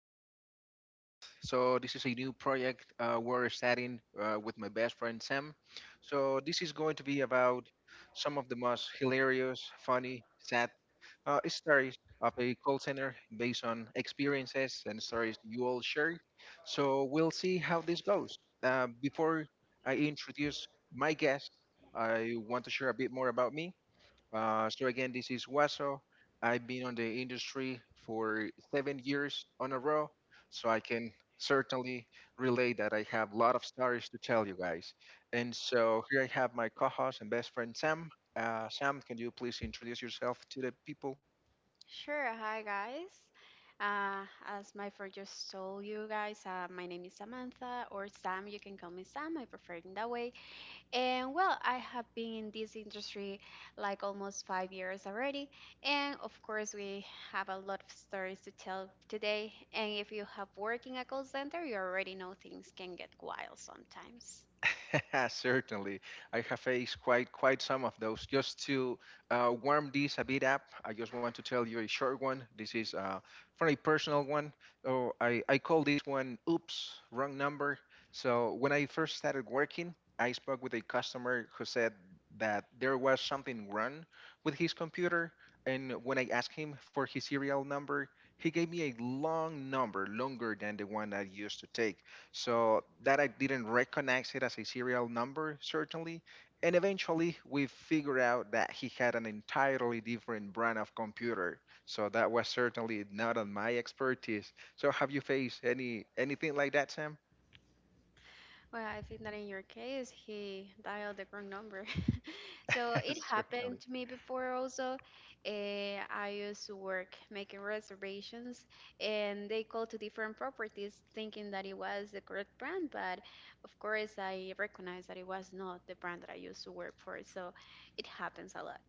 this your podcast. So this is a new project we're starting with my best friend Sam. So this is going to be about some of the most hilarious, funny, sad stories of a call center based on experiences and stories you all share. So we'll see how this goes. Before I introduce my guest, I want to share a bit more about me. So again, this is Waso. I've been on the industry for 7 years on a row, so I can certainly relay that I have a lot of stories to tell you guys. And so here I have my co-host and best friend Sam. Sam, can you please introduce yourself to the people? Sure. Hi, guys. As my friend just told you guys, my name is Samantha or Sam. You can call me Sam. I prefer it in that way. And well, I have been in this industry like almost 5 years already. And of course, we have a lot of stories to tell today. And if you have worked in a call center, you already know things can get wild sometimes. Certainly, I have faced quite some of those. Just to warm this a bit up, I just want to tell you a short one. This is from a personal one. Oh, I call this one "Oops, wrong number." So when I first started working, I spoke with a customer who said that there was something wrong with his computer, and when I asked him for his serial number, he gave me a long number, longer than the one I used to take. So that I didn't recognize it as a serial number, certainly. And eventually we figured out that he had an entirely different brand of computer. So that was certainly not on my expertise. So have you faced anything like that, Sam? Well, I think that in your case, he dialed the wrong number. So it certainly. happened to me before also. I used to work making reservations, and they called to different properties thinking that it was the correct brand, but of course, I recognized that it was not the brand that I used to work for. So it happens a lot,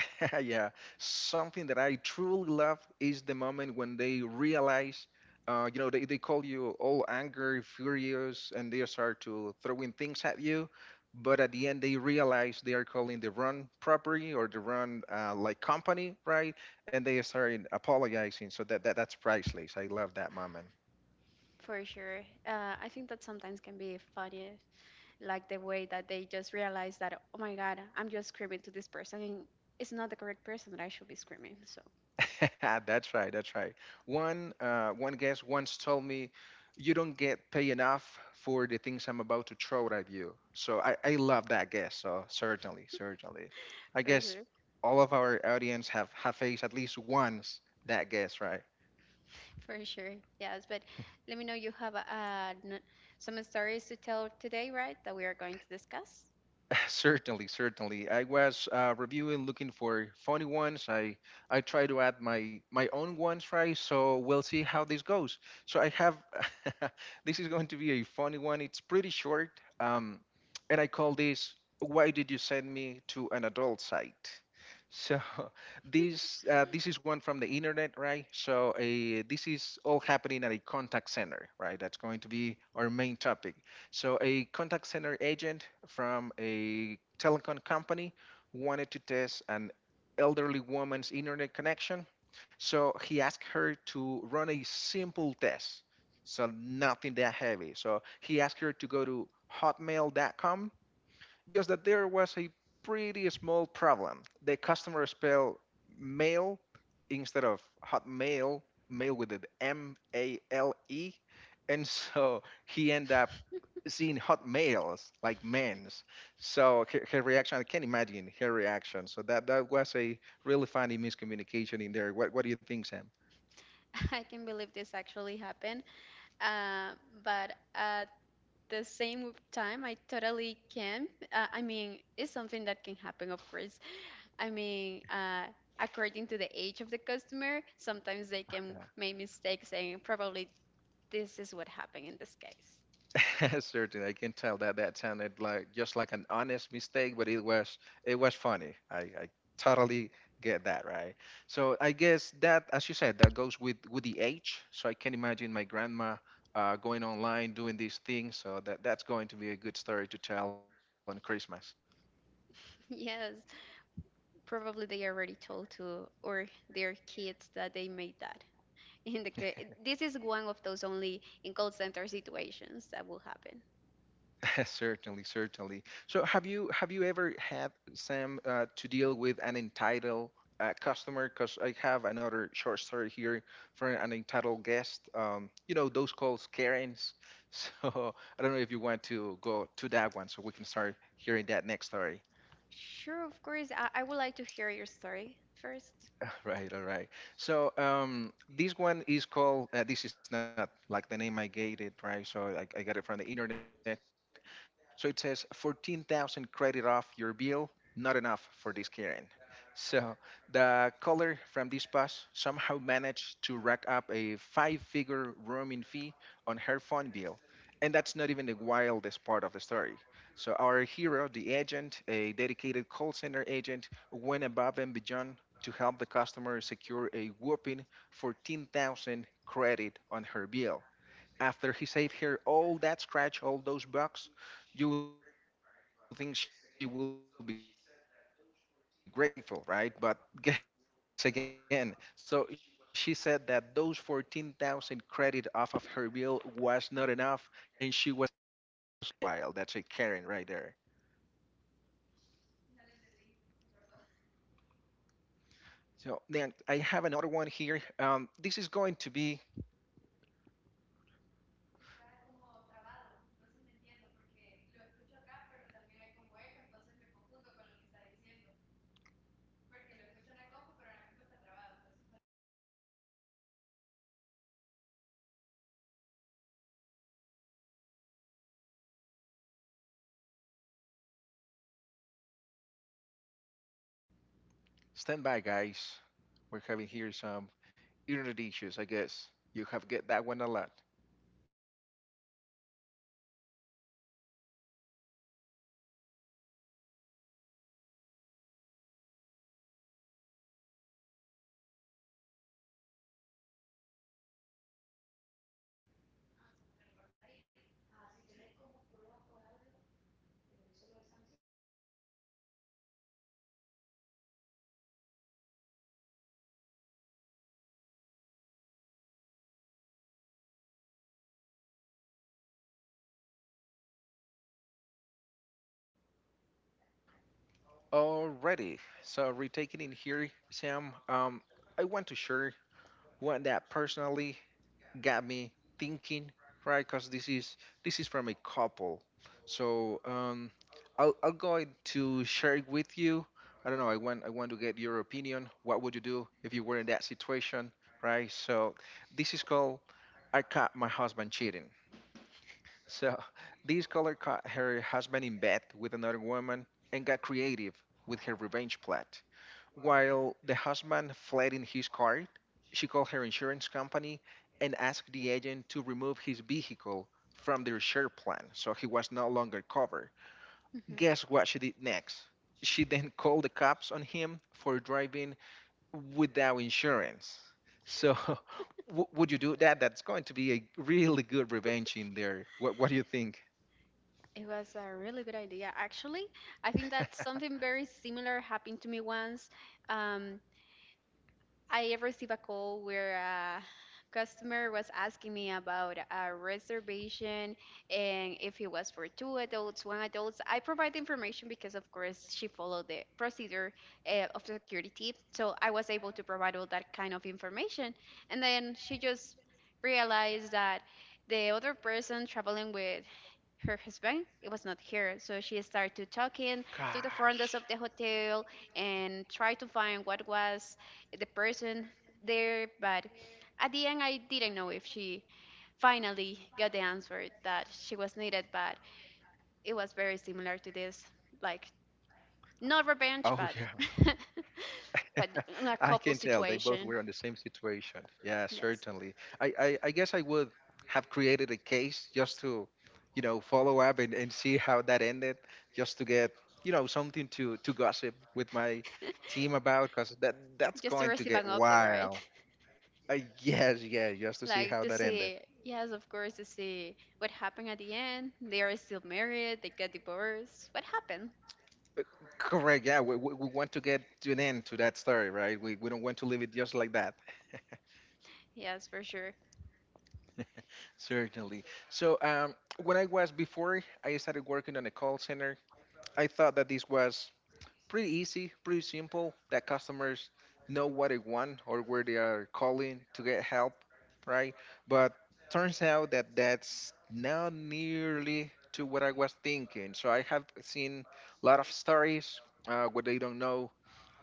yeah, something that I truly love is the moment when they realize, you know, they call you all angry, furious, and they start to throwing things at you. But at the end, they realize they are calling the wrong property or the wrong like company, right? And they start apologizing. So that, that's priceless. I love that moment. for sure. I think that sometimes can be funny like the way that they just realize that, oh my god, I'm just screaming to this person and it's not the correct person that I should be screaming. So That's right. That's right. One guest once told me, "You don't get paid enough for the things I'm about to throw at you." So I love that guess. So certainly, certainly, I for guess sure, all of our audience have faced at least once that guess, right? for sure. Yes, but let me know you have some stories to tell today, right? That we are going to discuss. Certainly, certainly. I was reviewing, looking for funny ones. I try to add my own ones, right? So we'll see how this goes. So I have this is going to be a funny one. It's pretty short, um, and I call this "Why did you send me to an adult site?" So this is one from the internet, right? So this is all happening at a contact center, right? That's going to be our main topic. So a contact center agent from a telecom company wanted to test an elderly woman's internet connection. So he asked her to run a simple test. So nothing that heavy. So he asked her to go to hotmail.com just that there was a pretty small problem. The customer spelled mail instead of hotmail, mail with an M A L E. And so he ended up seeing hotmails like men's. So her reaction, I can't imagine her reaction. So that was a really funny miscommunication in there. What do you think, Sam? I can believe this actually happened, uh, but at the same time, I totally can. I mean, it's something that can happen, of course. I mean, according to the age of the customer, sometimes they can make mistakes, and probably this is what happened in this case. Certainly, I can tell that that sounded like just like an honest mistake, but it was funny. I totally get that, right? So I guess that, as you said, that goes with the age. So I can imagine my grandma going online doing these things. So that's going to be a good story to tell on Christmas. Yes, probably they already told to or their kids that they made that. In the this is one of those only in call center situations that will happen. Certainly, certainly. So, have you ever had Sam to deal with an entitled customer? Because I have another short story here for an entitled guest. You know those calls Karens. So I don't know if you want to go to that one, so we can start hearing that next story. Sure, of course. I would like to hear your story 1st. Right, all right. So this one is called, this is not like the name I gave it, right? So I got it from the internet. So it says 14,000 credit off your bill, not enough for this Karen. So the caller from this bus somehow managed to rack up a five-figure roaming fee on her phone bill. And that's not even the wildest part of the story. So our hero, the agent, a dedicated call center agent, went above and beyond to help the customer secure a whopping 14,000 credit on her bill. After he saved her all that scratch, all those bucks, you think she will be grateful, right? But guess again. So she said that those 14,000 credit off of her bill was not enough and she was looking to get more out of the company. So that's pretty wild. That's a Karen right there. So then I have another one here. This is going to be stand by, guys. We're having here some internet issues, I guess. You have get that one a lot. Alrighty, so retaking in here, Sam. I want to share one that personally got me thinking, right? Because this is from a couple. So I'll go ahead to share it with you. I don't know. I want to get your opinion. What would you do if you were in that situation, right? So this is called I caught my husband cheating. So, this color caught her husband in bed with another woman and got creative with her revenge plot. While the husband fled in his car, she called her insurance company and asked the agent to remove his vehicle from their share plan so he was no longer covered. Hmm. Guess what she did next? She then called the cops on him for driving without insurance. So, would you do that? That's going to be a really good revenge in there. What do you think? It was a really good idea, actually. I think that something very similar happened to me once. Um, I received a call where a customer was asking me about a reservation and if it was for two adults, one adults. I provide the information because, of course, she followed the procedure of security, so I was able to provide all that kind of information. And then she just realized that the other person traveling with her husband, it was not here. So she started talking to the foreigners Gosh. of the hotel and try to find what was the person there. But at the end, I didn't know if she finally got the answer that she was needed, but it was very similar to this, like not Oh, revenge, yeah. but but in a I can couple tell they both were situation. on the same situation. Yeah, Yes. certainly. I guess I would have created a case just to, you know, follow up and see how that ended, just to get, you know, something to gossip with my team about, because that's Just to going to receive get an update, right? wild. Yes, yeah, just to see how Like to that ended. see. Yes, of course, to see what happened at the end. They are still married, they get divorced, what happened. Correct. Yeah, we want to get to an end to that story, right? We don't want to leave it just like that. Yes, for sure. Certainly. So, when I was before I started working on a call center, I thought that this was pretty easy, pretty simple, that customers know what they want or where they are calling to get help, right? But turns out that that's not nearly to what I was thinking. So, I have seen a lot of stories where they don't know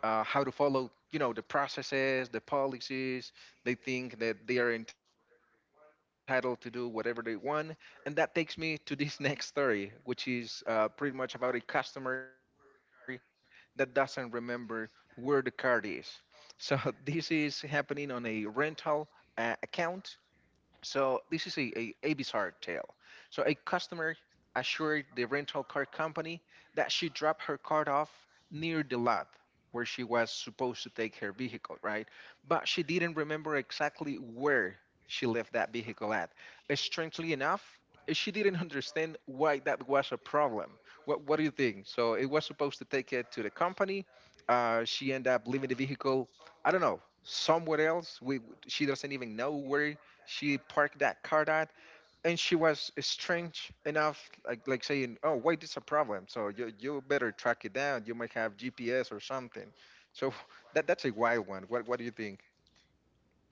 how to follow you know the processes the policies they think that they are entitled to do whatever they want and that takes me to this next story which is pretty much about a customer that doesn't remember where the card is so this is happening on a rental account so this is a, a bizarre tale. So a customer assured the rental car company that she dropped her car off near the lot where she was supposed to take her vehicle, right? But she didn't remember exactly where she left that vehicle at. Strangely enough, she didn't understand why that was a problem. What do you think? So it was supposed to take it to the company. She ended up leaving the vehicle I don't know, somewhere else. We she doesn't even know where she parked that car at, and she was strange enough, like saying, "Oh, wait, it's a problem. So you better track it down. You might have GPS or something." So that's a wild one. What do you think?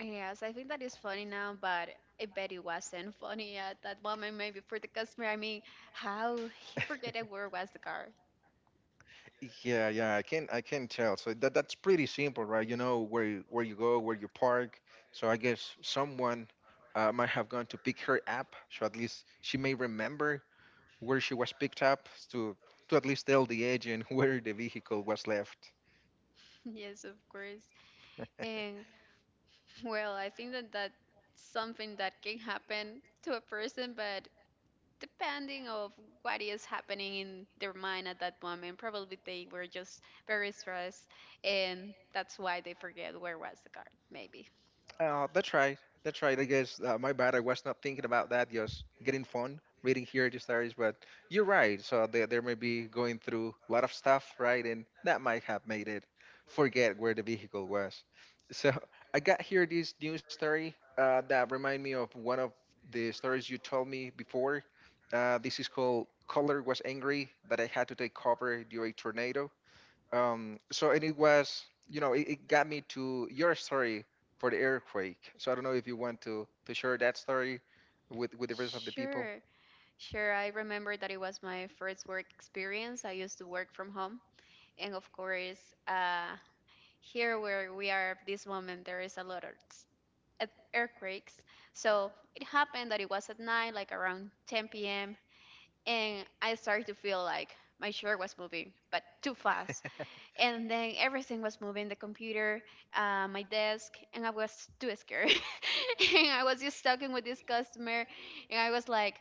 Yes, I think that is funny now, but I bet it wasn't funny at that moment, maybe for the customer. I mean, how he forget that, where was the car? Yeah, yeah, I can tell. So that's pretty simple, right? You know where you go, where you park. So I guess someone might have gone to pick her up, so at least she may remember where she was picked up to at least tell the agent where the vehicle was left. Yes, of course. And well, I think that that's something that can happen to a person, but depending of what is happening in their mind at that moment, probably they were just very stressed, and that's why they forget where was the card, maybe. That's right. That's right. I guess my bad. I was not thinking about that. Just getting fun reading here the stories, but you're right. So they may be going through a lot of stuff, right? And that might have made it forget where the vehicle was. So I got here this news story that remind me of one of the stories you told me before. This is called "Color Was Angry That I Had to Take Cover During Tornado." And it was, it got me to your story for the earthquake. So I don't know if you want to share that story with the rest of the people. Sure, sure. I remember that it was my first work experience. I used to work from home, and of course, here where we are at this moment, there is a lot of earthquakes. So it happened that it was at night like around 10 p.m. and I started to feel like my shirt was moving, but too fast. And then everything was moving, the computer, my desk, and I was too scared. And I was just talking with this customer, and I was like,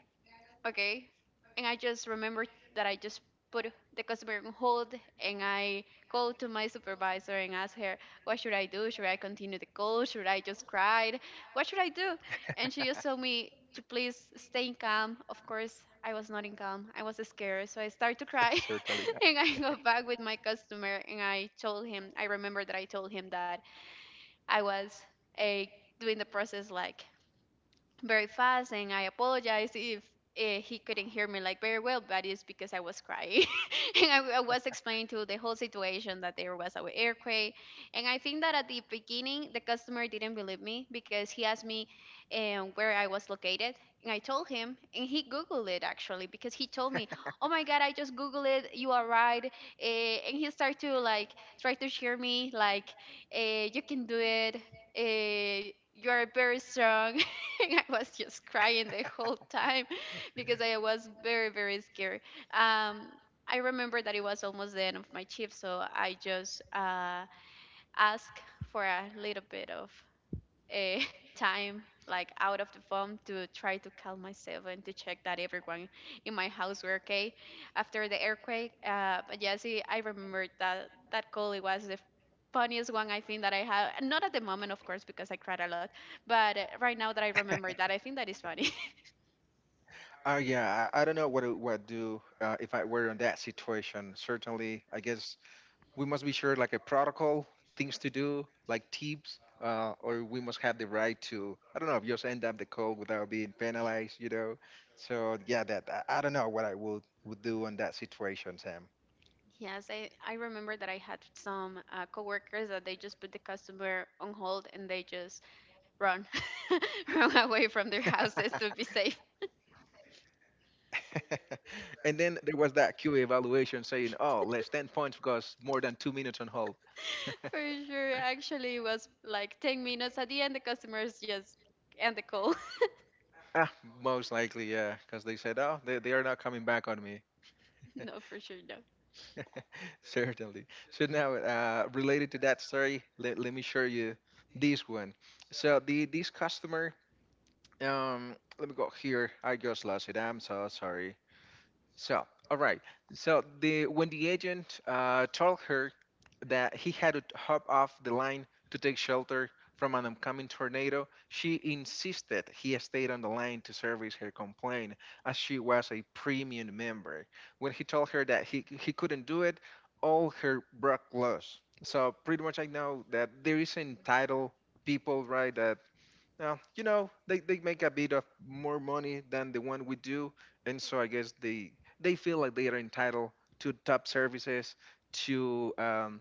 okay. And I just remember that I just put the customer on hold and I called to my supervisor and asked her, what should I do? Should I continue the call? Should I just cry? What should I do? And she just told me to please stay calm. Of course, I was not in calm. I was scared. So I started to cry Certainly not. and I got back with my customer and I told him, I remember that I told him that I was a doing the process like very fast and I apologize if he couldn't hear me like very well, but it's because I was crying. And I was explaining to the whole situation that there was an earthquake. And I think that at the beginning, the customer didn't believe me because he asked me where I was located. And I told him, and he Googled it actually because he told me, "Oh my God, I just Googled it. You are right." Uh, and he started to like try to cheer me, like, "You can do it. You are very strong." And I was just crying the whole time because I was very, very scared. Um, I remember that it was almost the end of my shift, so I just asked for a little bit of eh, time like out of the phone to try to calm myself and to check that everyone in my house were okay after the earthquake. But yeah, see, I remembered that that call. It was the funniest one I think that I had. Not at the moment, of course, because I cried a lot. But right now that I remember that, I think that is funny. Yeah, I don't know what I would do if I were in that situation. Certainly, I guess we must be sure like a protocol things to do like tips or we must have the right to, I don't know, just end up the code without being penalized. So yeah, that I don't know what I would do in that situation, Sam. Yes, I remember that I had some coworkers that they just put the customer on hold and they just run run away from their houses to be safe. And then there was that QA evaluation saying, oh, less 10 points because more than 2 minutes on hold. For sure. Actually, it was like 10 minutes. At the end, the customers just end the call. Ah, most likely. Yeah, because they said, oh, they are not coming back on me. No, for sure, no. Certainly. So now, related to that story, let me show you this one. So the this customer, let me go here. I just lost it. I'm so sorry. So, all right. So the when the agent told her that he had to hop off the line to take shelter from an oncoming tornado, she insisted he stayed on the line to service her complaint, as she was a premium member. When he told her that he couldn't do it, all her broke loose. So pretty much, I know that there is entitled people, right? That. Now, they make a bit of more money than the one we do, and so I guess they feel like they are entitled to top services, to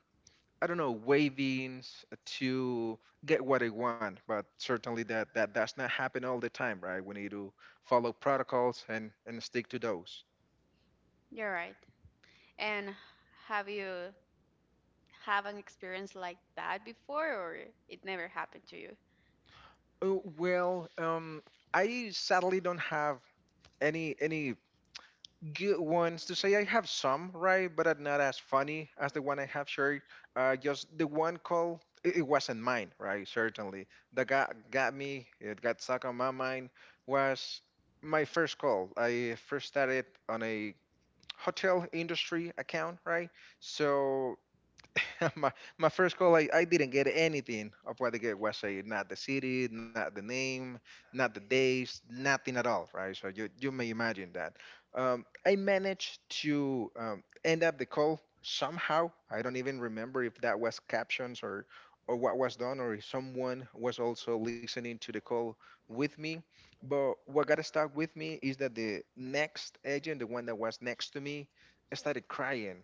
I don't know, wavings, to get what they want. But certainly that does not happen all the time, right? We need to follow protocols and stick to those. You're right. And have you have an experience like that before, or it never happened to you? Oh, well, I sadly don't have any good ones to say. I have some, right? But are not as funny as the one I have shared. Just the one call, it wasn't mine, right? Certainly. That got me, it got stuck on my mind, was my first call. I first started on a hotel industry account, right? So my my first call, I didn't get anything of what the guy was saying. Not the city, not the name, not the days, nothing at all, right? So you may imagine that. I managed to end up the call somehow. I don't even remember if that was captions or what was done or if someone was also listening to the call with me. But what got stuck with me is that the next agent, the one that was next to me, started crying,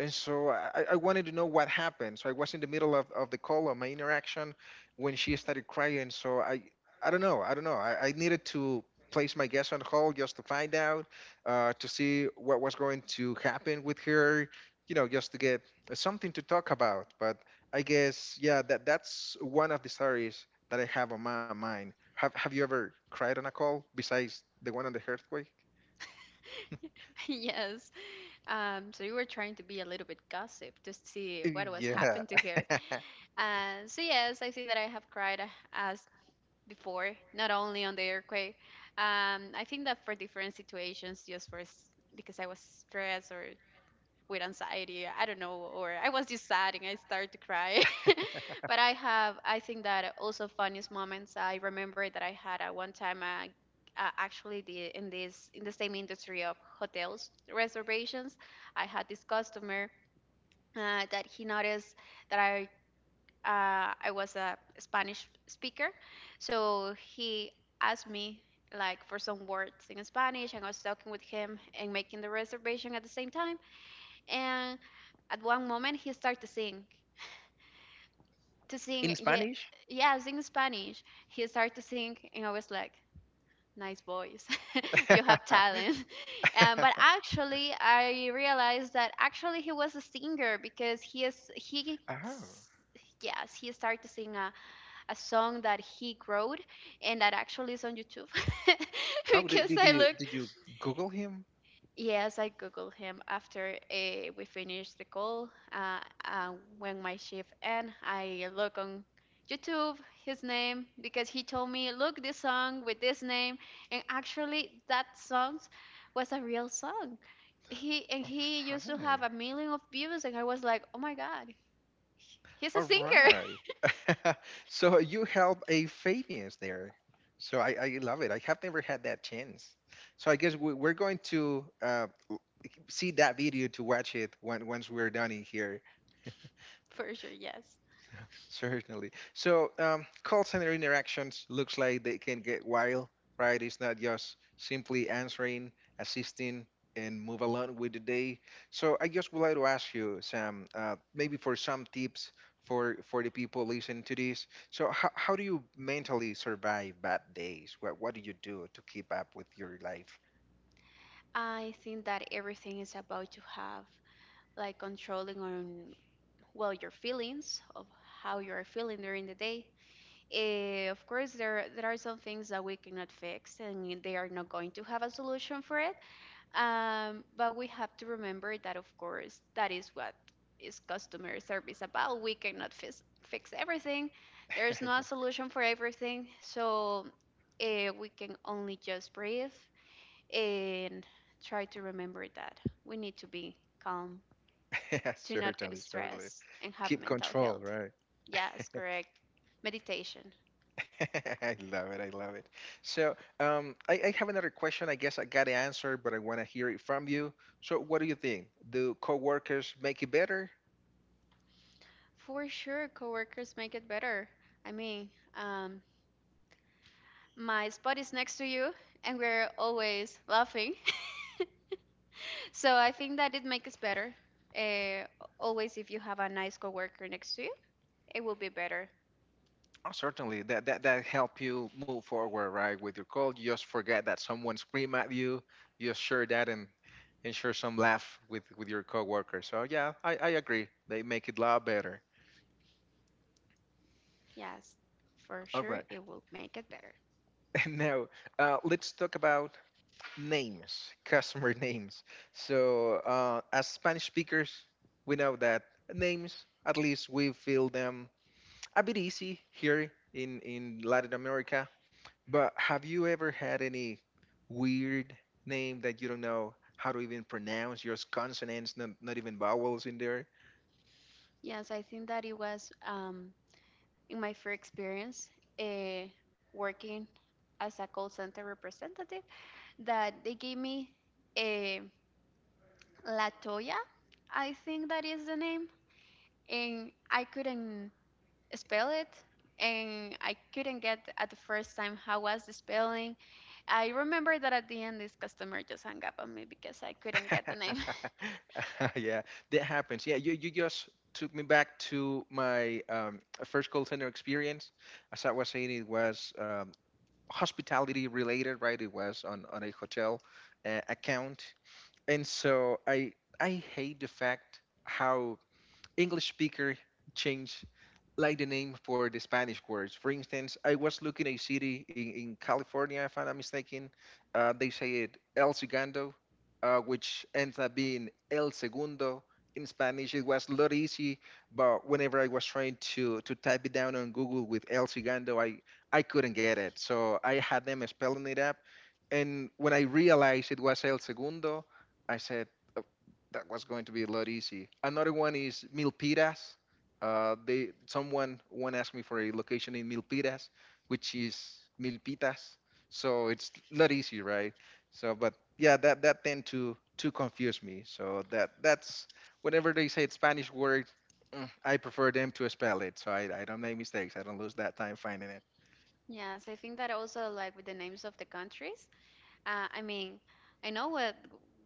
and so I wanted to know what happened. So I was in the middle of the call of my interaction when she started crying. So I don't know. I don't know. I needed to place my guess on hold just to find out, to see what was going to happen with her, just to get something to talk about. But I guess, yeah, that's one of the stories that I have on my mind. Have you ever cried on a call besides the one on the earthquake? Yes. So you were trying to be a little bit gossip to see what was Yeah. happened to her. So yes, I think that I have cried as before, not only on the earthquake. I think that for different situations, just for because I was stressed or with anxiety, I don't know, or I was just sad and I started to cry. But I have, I think that also funniest moments. I remember that I had at one time actually the in this in the same industry of hotels reservations, I had this customer that he noticed that I was a Spanish speaker, so he asked me like for some words in Spanish, and I was talking with him and making the reservation at the same time. And at one moment he started to sing. In Yeah, Spanish? yeah, sing Spanish. He started to sing, and I was like, nice voice. You have talent. But actually I realized that actually he was a singer because he is he Oh, s- yes, he started to sing a song that he wrote and that actually is on YouTube. oh, did, Because did I you look. did you Google him? Yes, I Googled him after we finished the call. Uh, when my shift end, I look on YouTube his name because he told me, look this song with this name, and actually that song was a real song. He, and he All used to have a million of views, and I was like, oh my god, he's a singer. right, all right. So you help a Fabians there. So I love it. I have never had that chance. So I guess we're going to see that video to watch it once we're done in here. For sure. Yes, Certainly. So, call center interactions looks like they can get wild, right? It's not just simply answering, assisting, and move along with the day. So, I just would like to ask you, Sam, maybe for some tips for the people listening to this. So, how do you mentally survive bad days? What do you do to keep up with your life? I think that everything is about to have like controlling on well your feelings of how you are feeling during the day. Of course, there are some things that we cannot fix, and they are not going to have a solution for it. But we have to remember that, of course, that is what is customer service about. We cannot fix everything. There is no solution for everything, so we can only just breathe and try to remember that we need to be calm, Yeah. to not get Certainly, certainly. stressed, and have Keep mental control, health. right? Yes, correct. Meditation. I love it. I love it. So, I have another question. I guess I got to answer, but I want to hear it from you. So, what do you think? Do coworkers make it better? For sure, coworkers make it better. I mean, um, my spot is next to you, and we're always laughing. So I think that it makes us better. Uh, always, if you have a nice coworker next to you, it will be better. Oh, certainly. That help you move forward, right? With your call, you just forget that someone scream at you. You just share that and share some laugh with your coworkers. So, yeah, I agree. They make it a lot better. Yes, for All sure, right. it will make it better. And now, let's talk about names, customer names. So, as Spanish speakers, we know that names, at least we feel them a bit easy here in Latin America. But have you ever had any weird name that you don't know how to even pronounce? Just consonants, not even vowels in there. Yes, I think that it was in my first experience uh, working as a call center representative that they gave me a Latoya. I think that is the name. And I couldn't spell it and I couldn't get at the first time how was the spelling. I remember that at the end this customer just hung up on me because I couldn't get the name. Yeah, that happens. Yeah, you just took me back to my first call center experience. As I was saying, it was hospitality related, right? It was on a hotel account, and so I hate the fact how English speaker change like the name for the Spanish words. For instance, I was looking a city in California, if I'm not mistaken. They say it El Segundo, which ends up being El Segundo in Spanish. It was a lot easy, but whenever I was trying to type it down on Google with El Segundo, I couldn't get it. So I had them spelling it up, and when I realized it was El Segundo, I said that was going to be a lot easy. Another one is Milpitas. They someone one asked me for a location in Milpitas, which is Milpitas, so it's a lot easier, right? So, but yeah, that tend to confuse me. So that's whenever they say it's Spanish word, I prefer them to spell it, so I don't make mistakes. I don't lose that time finding it. Yes, I think that also like with the names of the countries, I mean, I know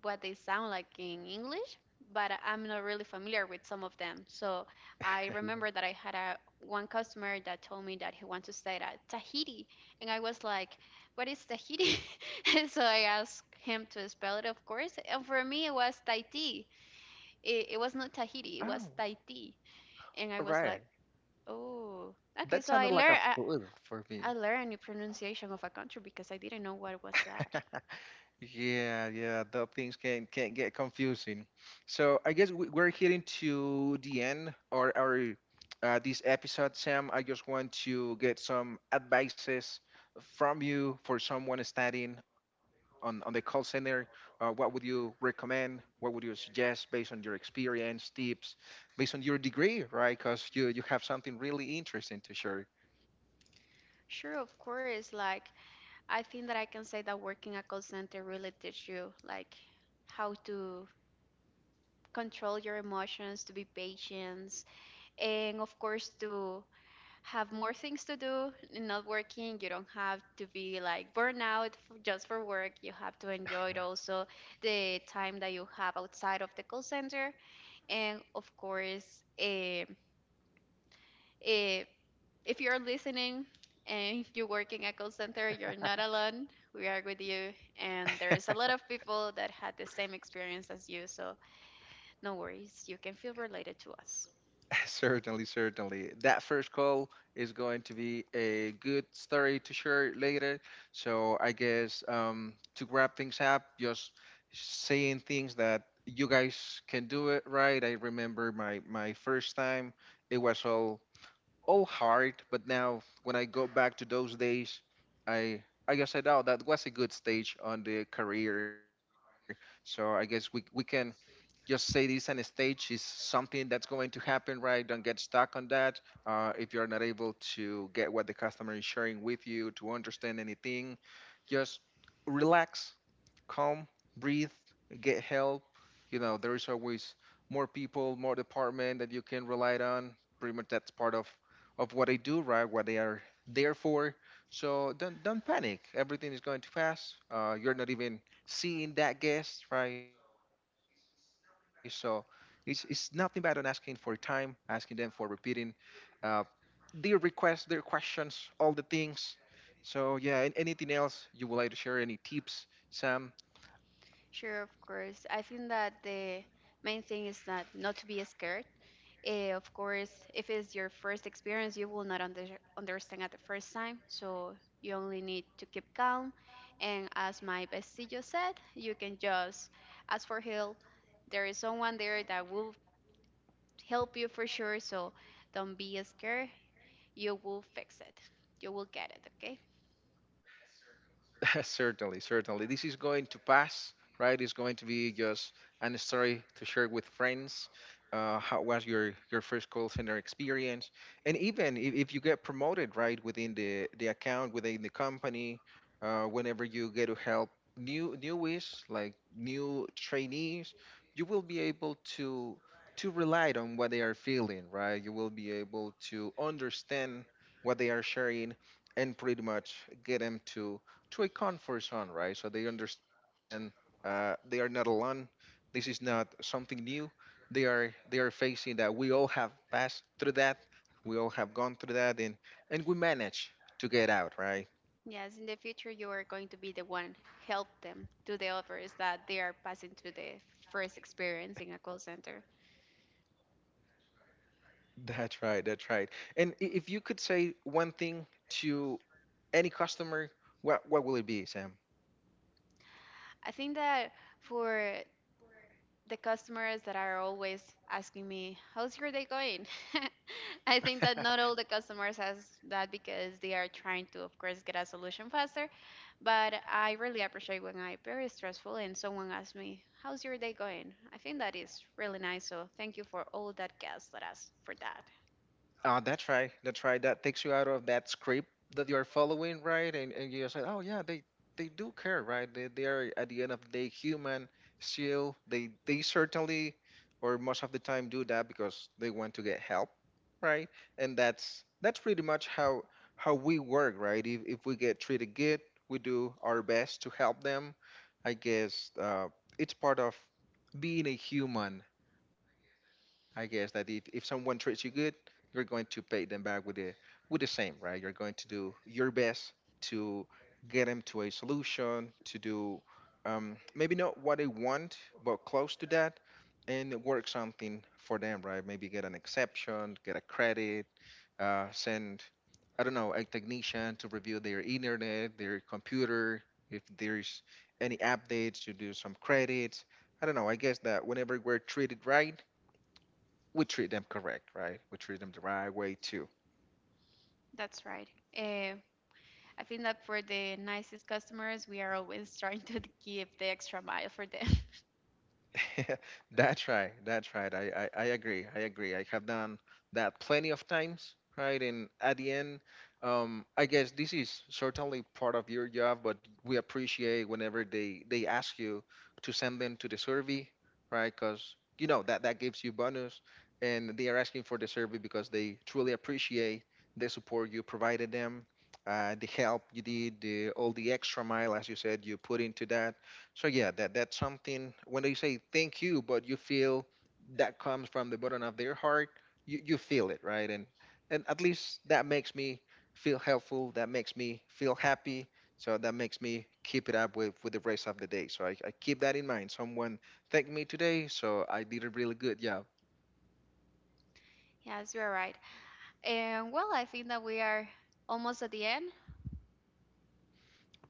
what they sound like in English, but I'm not really familiar with some of them. So I remember that I had a one customer that told me that he wants to stay at Tahiti, and I was like, "What is Tahiti?" So I asked him to spell it, of course, and for me it was Tahiti. It was not Tahiti, it was Oh, Tahiti, and I all was right. like, "Oh, okay." That So I sounded like learned a I, food for I me. learned the pronunciation of a country because I didn't know what was that. Yeah, yeah, the things can get confusing. So I guess we're heading to the end or our this episode, Sam. I just want to get some advices from you for someone studying on the call center. What would you recommend? What would you suggest based on your experience, tips, based on your degree, right? Because you have something really interesting to share. Sure, of course. Like I think that I can say that working a call center really teach you like how to control your emotions, to be patient, and of course to have more things to do in not working. You don't have to be like burnout just for work. You have to enjoy it also the time that you have outside of the call center, and of course, if you're listening and you're working at call center, you're not alone. We are with you, and there is a lot of people that had the same experience as you. So no worries, you can feel related to us. Certainly, certainly. That first call is going to be a good story to share later. So I guess to wrap things up, just saying things that you guys can do it right. I remember my first time, it was all hard, but now when I go back to those days, I I guess I know that was a good stage on the career. So I guess we can just say this on stage is something that's going to happen, right? Don't get stuck on that. If you're not able to get what the customer is sharing with you to understand anything, just relax calm, breathe, get help. You know, there is always more people, more department that you can rely on. Pretty much that's part of what they do, right? What they are there for. So don't panic. Everything is going to pass. You're not even seeing that guest, right? So it's nothing bad on asking for time, asking them for repeating uh, their requests, their questions, all the things. So yeah, and anything else you would like to share? Any tips, Sam? Sure, of course. I think that the main thing is that not to be scared. Of course, if it's your first experience, you will not understand at the first time. So you only need to keep calm. And as my bestie just said, you can just ask for help. There is someone there that will help you for sure. So don't be scared. You will fix it. You will get it, okay? Certainly, certainly. This is going to pass, right? It's going to be just an story to share with friends. How was your first call center experience? And even if you get promoted, right, within the account, within the company, whenever you get to help new newies, like new trainees, you will be able to rely on what they are feeling, right? You will be able to understand what they are sharing and pretty much get them to a comfort zone, right? So they understand they are not alone. This is not something new. They are facing that. We all have passed through that. We all have gone through that, and we manage to get out, right? Yes, in the future, you are going to be the one help them to the others that they are passing through the first experience in a call center. That's right. That's right. And if you could say one thing to any customer, what will it be, Sam? I think that for the customers that are always asking me, "How's your day going?" I think that not all the customers ask that because they are trying to, of course, get a solution faster. But I really appreciate when I'm very stressful and someone asks me, "How's your day going?" I think that is really nice. So thank you for all that guests that asked for that. That's right. That's right. That takes you out of that script that you're following, right? And you say, oh yeah, they do care, right? They are at the end of the day human still. They certainly, or most of the time, do that because they want to get help, right? And that's pretty much how we work, right? If we get treated good, we do our best to help them. I guess it's part of being a human I guess that if someone treats you good, you're going to pay them back with the same, right? You're going to do your best to get them to a solution, to do maybe not what they want, but close to that, and work something for them, right? Maybe get an exception, get a credit, send, I don't know, a technician to review their internet, their computer, if there's any updates, to do some credits. I don't know. I guess that whenever we're treated right we treat them correct, right? We treat them the right way too. That's right. Uh, I think that for the nicest customers, we are always trying to give the extra mile for them. That's right. That's right. I agree. I agree. I have done that plenty of times, right? And at the end, I guess this is certainly part of your job, but we appreciate whenever they ask you to send them to the survey, right? Because you know that gives you bonus, and they are asking for the survey because they truly appreciate the support you provided them, the help you did, all the extra mile, as you said, you put into that. So yeah, that's something, when they say thank you, but you feel that comes from the bottom of their heart, you feel it, right? And at least that makes me feel helpful, that makes me feel happy. So that makes me keep it up with the rest of the day. So I keep that in mind. Someone thanked me today, so I did it really good. Yeah, Yes, you are right. And well, I think that we are almost at the end.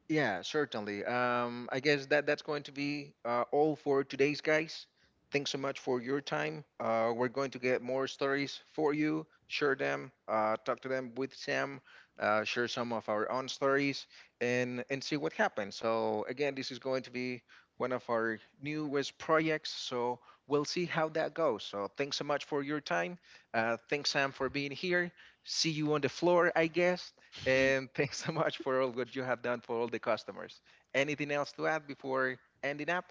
yeah, certainly. I guess that's going to be all for today's guys. Thanks so much for your time. We're going to get more stories for you, share them, talk to them with Sam, share some of our own stories, and see what happens. So again, this is going to be one of our newest projects. So we'll see how that goes. So thanks so much for your time. Thanks Sam for being here. See you on the floor, I guess. And thanks so much for all what you have done for all the customers. Anything else to add before ending up?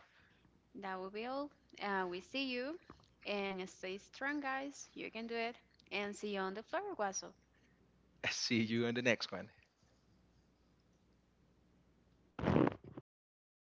That will be all. We see you. And stay strong, guys. You can do it. And see you on the floor, Guaso. See you in the next one.